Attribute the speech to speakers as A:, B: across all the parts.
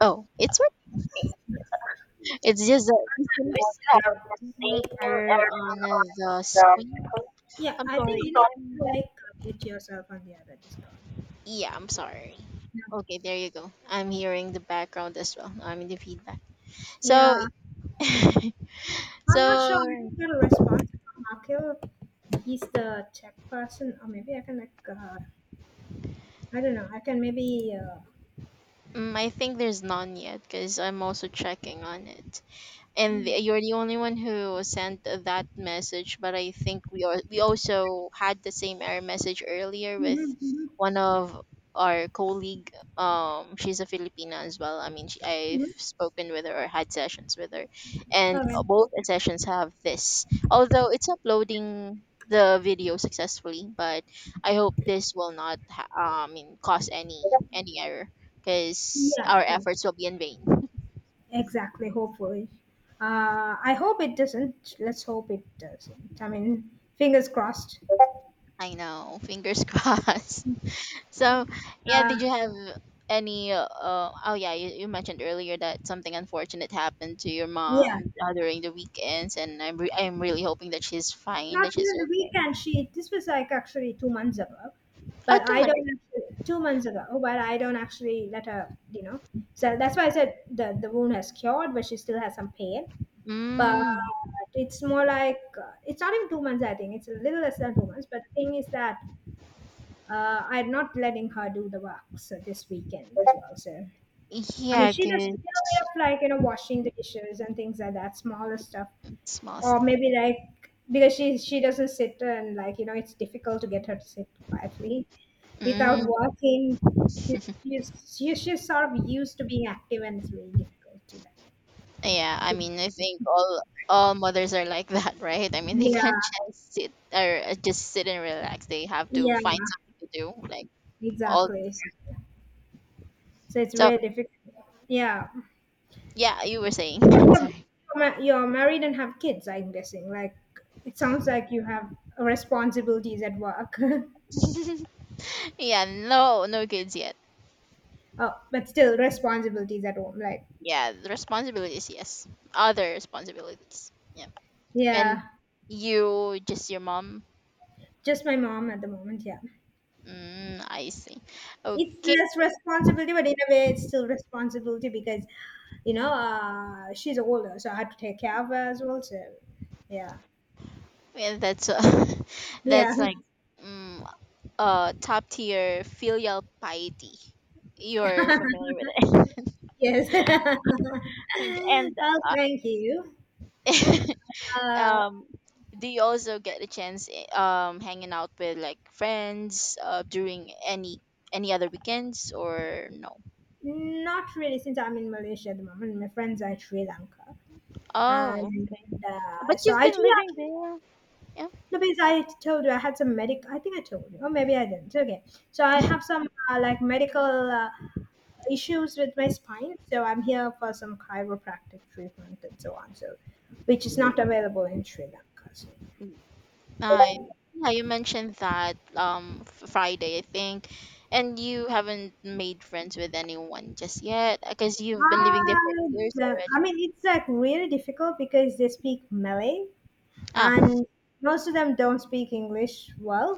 A: Oh, it's what? It's just that we still have the same error on the screen.
B: Yeah,
A: I'm
B: I think
A: sorry.
B: you need to
A: I'm
B: like commit yourself on the other Discord.
A: yeah. I'm sorry.
B: No.
A: Okay, there you go. I'm hearing the background as well. I mean the feedback. So,
B: Yeah, I'm not sure.
A: so
B: I didn't get a response from Akil. He's the tech person, or maybe I can I don't know. I can maybe.
A: I think there's none yet because I'm also checking on it. and
B: Mhm,
A: the- you're the only one who sent that message, but I think we also had the same error message earlier with
B: mhm,
A: one of our colleague. She's a filipina as well.
B: mhm.
A: I've spoken with her or had sessions with her, and
B: Okay.
A: both sessions have this, although it's uploading the video successfully. But I hope this will not cause any error because
B: Yeah,
A: our
B: sure.
A: efforts will be in vain.
B: Exactly. Hopefully, I hope it doesn't. Let's hope it doesn't. I mean, fingers crossed.
A: I know. Fingers crossed. So, yeah,
B: Uh,
A: did you have any? Oh, yeah, you mentioned earlier that something unfortunate happened to your
B: yeah.
A: mom during the weekends, and I'm I'm really hoping that she's fine,
B: Not
A: that she's
B: during the
A: okay.
B: weekend. She This was like actually 2 months ago,
A: Oh,
B: but
A: two
B: I don't
A: months.
B: actually, 2 months ago. But I don't actually let her. You know, so that's why I said the wound has cured, but she still has some pain. But
A: Mm,
B: it's more like it's not even 2 months. I think it's a little less than 2 months. But the thing is that I'm not letting her do the work so this weekend as well. So I mean,
A: yeah,
B: she does a little bit
A: cause
B: of like you know washing the dishes and things like that, smaller stuff,
A: small.
B: or maybe like because she doesn't sit and like you know it's difficult to get her to sit quietly without
A: Mm,
B: walking. She's she's she's she's sort of used to being active and it's really difficult to that.
A: yeah, I mean, I think all mothers are like that, right? I mean, they can't
B: yeah
A: just sit or just sit and relax. They have to
B: yeah
A: find something to do, like all.
B: exactly, so, so it's
A: So,
B: really difficult, yeah.
A: yeah, you were saying.
B: Yeah,
A: Sorry.
B: you're married and have kids, I'm guessing, like it sounds like you have responsibilities at work.
A: Yeah, no, no kids yet.
B: Oh, but still responsibilities at home, like,
A: Yeah, the responsibilities, yes. Other responsibilities. Yeah.
B: yeah.
A: And you, just your mom.
B: Just my mom at the moment, yeah.
A: Mm, I see. Okay,
B: It's less responsibility, but in a way, it's still responsibility because, you know, she's older, so I have to take care of her as well. So, yeah.
A: yeah, that's
B: Yeah.
A: that's like mm, top tier filial piety. You're familiar with it.
B: Yes.
A: Okay, and
B: Well, thank you.
A: uh,
B: Uh,
A: um, do you also get a chance hanging out with like friends during any other weekends or no?
B: not really, since I'm in Malaysia at the moment. My friends are in Sri Lanka,
A: Oh,
B: and
A: okay. But
B: so
A: you've
B: I
A: been
B: do
A: living
B: actually.
A: there. Yeah.
B: No, because I told you I had some medic. I think I told you, or maybe I didn't. Okay, so I have some like medical uh, issues with my spine, so I'm here for some chiropractic treatment and so on. So, which is not available in Sri Lanka. So,
A: I yeah, you mentioned that Friday, I think. And you haven't made friends with anyone just yet because you've been living there for
B: I,
A: years
B: do I
A: already.
B: mean, it's like really difficult because they speak Malay,
A: Ah,
B: and most of them don't speak English well.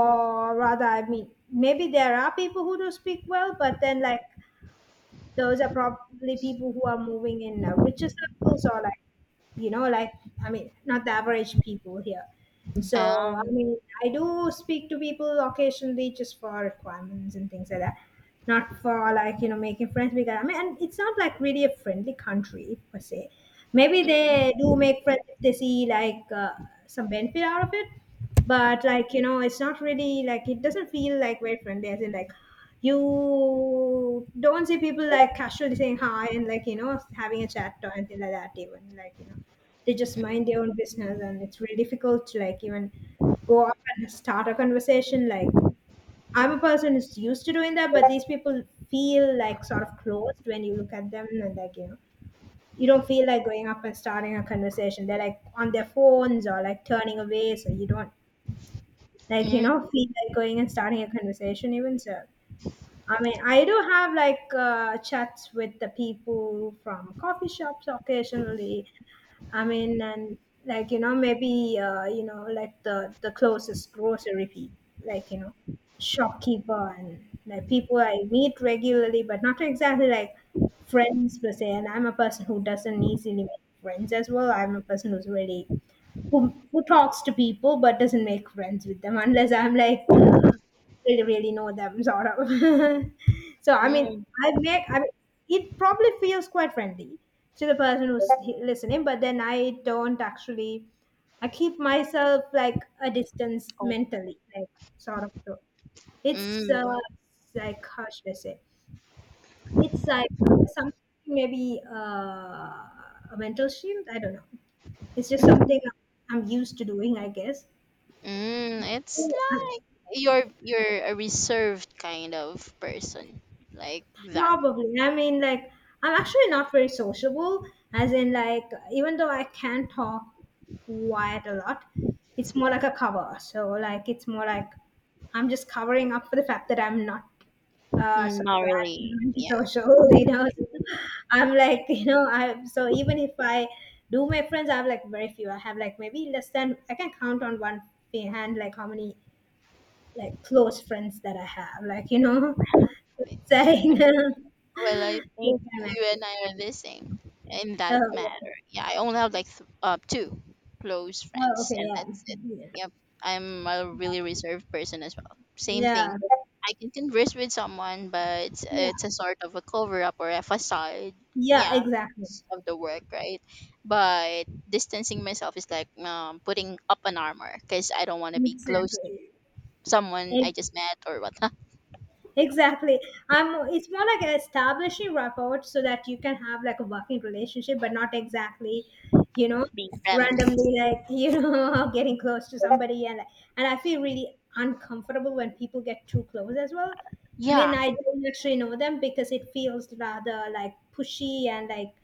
B: Or rather, I mean, maybe there are people who do speak well, but then like those are probably people who are moving in richer circles, or like, you know, like, I mean, not the average people here. So I
A: um
B: mean, I do speak to people occasionally just for requirements and things like that, not for like you know making friends. Because I mean, and it's not like really a friendly country per se. Maybe
A: mm,
B: they do make friends if they see like some benefit out of it, but like you know, it's not really like it doesn't feel like very friendly. As in like you don't see people like casually saying hi and like you know having a chat or anything like that. Even like you know, they just mind their
A: mm,
B: own business, and it's really difficult to like even go up and start a conversation. Like I'm a person who's used to doing that, but these people feel like sort of closed when you look at them, and like, you know, you don't feel like going up and starting a conversation. They're like on their phones or like turning away, so you don't like, you know,
A: mm,
B: feel like going and starting a conversation even. So I mean, I do have like chats with the people from coffee shops occasionally. I mean, and like you know, maybe you know, like the closest grocery people, like you know, shopkeeper and like people I meet regularly, but not exactly like friends per se. And I'm a person who doesn't easily make friends as well. I'm a person who's really who talks to people but doesn't make friends with them unless I'm like really, really know them, sort of. So I mean,
A: mm.
B: I mean, it probably feels quite friendly to the person who's listening, but then I don't actually. I keep myself like a distance
A: Oh,
B: mentally, like sort of, so it's
A: mm,
B: like how should I say, it's like something, maybe a mental shield, I don't know. It's just something I'm used to doing, I guess.
A: mm. It's
B: Yeah.
A: like you're a reserved kind of person like that.
B: Probably. I mean, like, I'm actually not very sociable, as in, like, even though I can talk quite a lot, it's more like a cover. So, like, it's more like I'm just covering up for the fact that I'm not
A: Not
B: social. I'm
A: really. Yeah.
B: antisocial, you know. I'm like, you know, I So even if I do make friends, I have like very few. I have like maybe less than I can count on one hand, like how many like close friends that I have, like you know. சரிங்க.
A: Well, I
B: You
A: think
B: can
A: you
B: imagine.
A: and I are the same in
B: Oh,
A: that
B: okay.
A: matter. Yeah, I only have like two close
B: Oh,
A: friends,
B: okay,
A: and
B: yeah.
A: that's it.
B: Yeah.
A: Yep, I'm a really reserved person as well. Same
B: Yeah,
A: thing. I can converse with someone, but
B: yeah.
A: it's a sort of a cover up or a facade.
B: Yeah,
A: Yeah,
B: exactly.
A: it's of the work, right? But distancing myself is like putting up an armor because I don't want to be close to
B: Exactly.
A: someone I just met or whatnot,
B: Exactly. I'm, it's more like establishing rapport so that you can have like a working relationship, but not exactly, you know,
A: being friendly.
B: randomly like, you know, getting close to somebody. And I feel really uncomfortable when people get too close as well. When
A: Yeah,
B: I don't actually know them, because it feels rather like pushy and like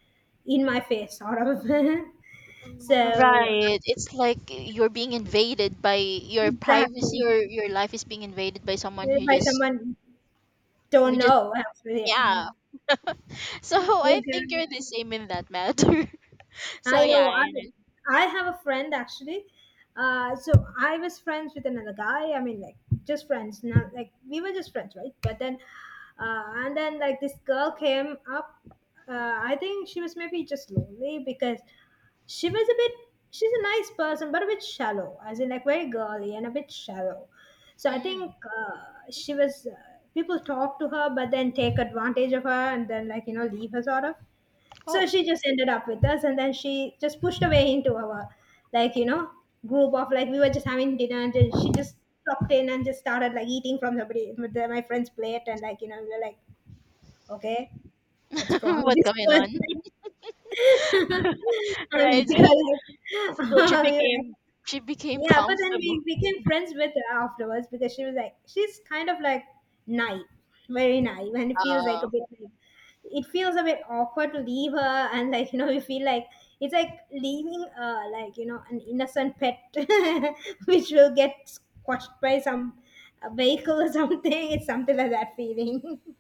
B: in my face sort of. So
A: right. It's like you're being invaded by your privacy,
B: exactly.
A: or your life is being invaded by someone who
B: By
A: just
B: someone, don't
A: who just
B: know actually. Yeah.
A: yeah. So I think
B: Exactly.
A: you're the same in that matter. So
B: I know.
A: yeah.
B: I
A: I-
B: I have a friend actually. So I was friends with another guy. I mean, like just friends. Not like we were just friends, right? But then, and then like this girl came up. I think she was maybe just lonely because she was a bit. She's a nice person, but a bit shallow, as in like very girly and a bit shallow. So I think
A: Mm.
B: she was. People talk to her, but then take advantage of her, and then like you know leave her sort of. So
A: Oh,
B: she just ended up with us, and then she just pushed away into our like you know group of, like we were just having dinner, and then she just dropped in and just started like eating from somebody with the, my friend's plate, and like you know we were like, okay, what's wrong with
A: what's
B: this
A: going on?
B: person? And
A: right. So she
B: we were like,
A: became she became
B: yeah, but then
A: comfortable.
B: we became friends with her afterwards because she was like, she's kind of like naive, very naive, and it feels like a
A: Uh,
B: bit like, it feels a bit awkward to leave her, and like, you know, we feel like it's like leaving, like, you know, an innocent pet which will get squashed by some vehicle or something. It's something like that feeling.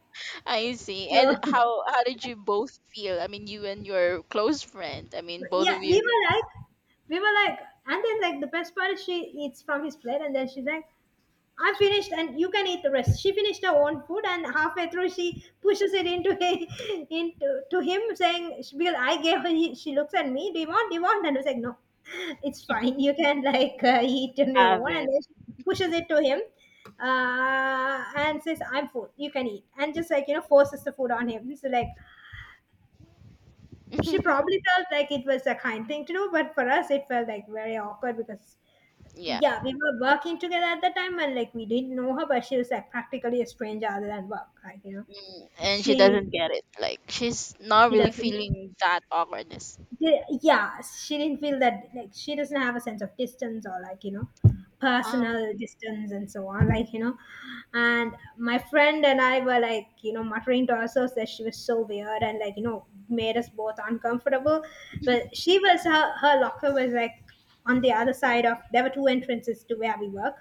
A: I see. And
B: So,
A: how did you both feel? I mean, you and your close friend. I mean, both
B: yeah,
A: of
B: we
A: you
B: were like, we were like, and then like the best part is she eats from his plate, and then she's like, I finished and you can eat the rest. She finished her own food and halfway through she pushes it into into to him, saying, she- I gave her, she looks at me, do you want? Do you want? And I was like, no, it's fine. You can like eat on your
A: have
B: own. And
A: it.
B: then she pushes it to him and says, I'm full, you can eat. And just like, you know, forces the food on him. So like, she probably felt like it was a kind thing to do, but for us it felt like very awkward, because
A: Yeah.
B: yeah, we were working together at the time, and like we didn't know her, but she was like practically a stranger other than work. Like you know,
A: And she
B: she
A: doesn't get it. Like she's not
B: she
A: really
B: doesn't.
A: feeling that awkwardness.
B: Yeah, she didn't feel that, like she doesn't have a sense of distance, or like you know,
A: Oh,
B: personal distance and so on. Like you know, and my friend and I were like you know muttering to ourselves that she was so weird and like you know made us both uncomfortable. But she was, her locker was like on the other side of, there were two entrances to where we work,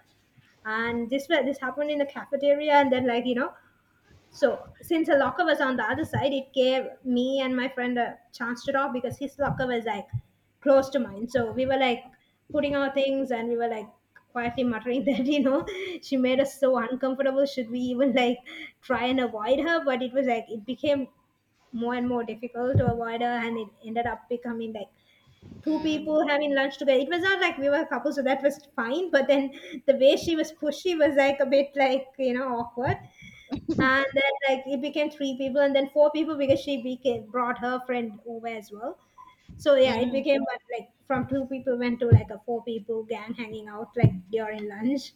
B: and this happened in the cafeteria, and then like you know, so since a locker was on the other side it gave me and my friend a chance to talk, because his locker was like close to mine, so we were like putting our things, and we were like quietly muttering that you know she made us so uncomfortable, should we even like try and avoid her, but it was like it became more and more difficult to avoid her, and it ended up becoming like two
A: mm,
B: people having lunch together. It was not like we were a couple, so that was fine. But then the way she was pushy was like a bit like you know awkward. And then like it became three people, and then four people because she became brought her friend over as well. So yeah, it
A: mm.
B: became, but like from two people went to like a four people gang hanging out like during lunch.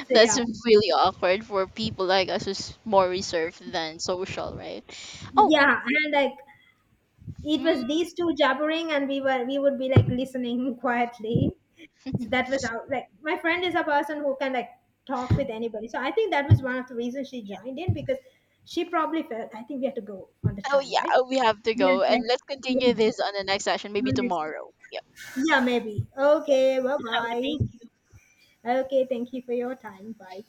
B: So
A: That's
B: yeah,
A: really awkward for people like us who's more reserved than social, right? Oh,
B: yeah, and like it
A: mm,
B: was these two jabbering, and we would be like listening quietly. So that was how, like my friend is a person who can like talk with anybody, so I think that was one of the reasons she
A: yeah.
B: joined in, because she probably felt, I think we have to go on the
A: Oh
B: time, right?
A: yeah, we have to
B: Yeah,
A: go,
B: it's
A: and
B: like-
A: let's continue
B: yeah,
A: this on the next session, maybe
B: we'll miss
A: tomorrow.
B: that.
A: Yep.
B: Yeah, maybe. Okay, bye
A: Yeah. Okay.
B: bye.
A: Thank you.
B: Okay, thank you for your time, bye.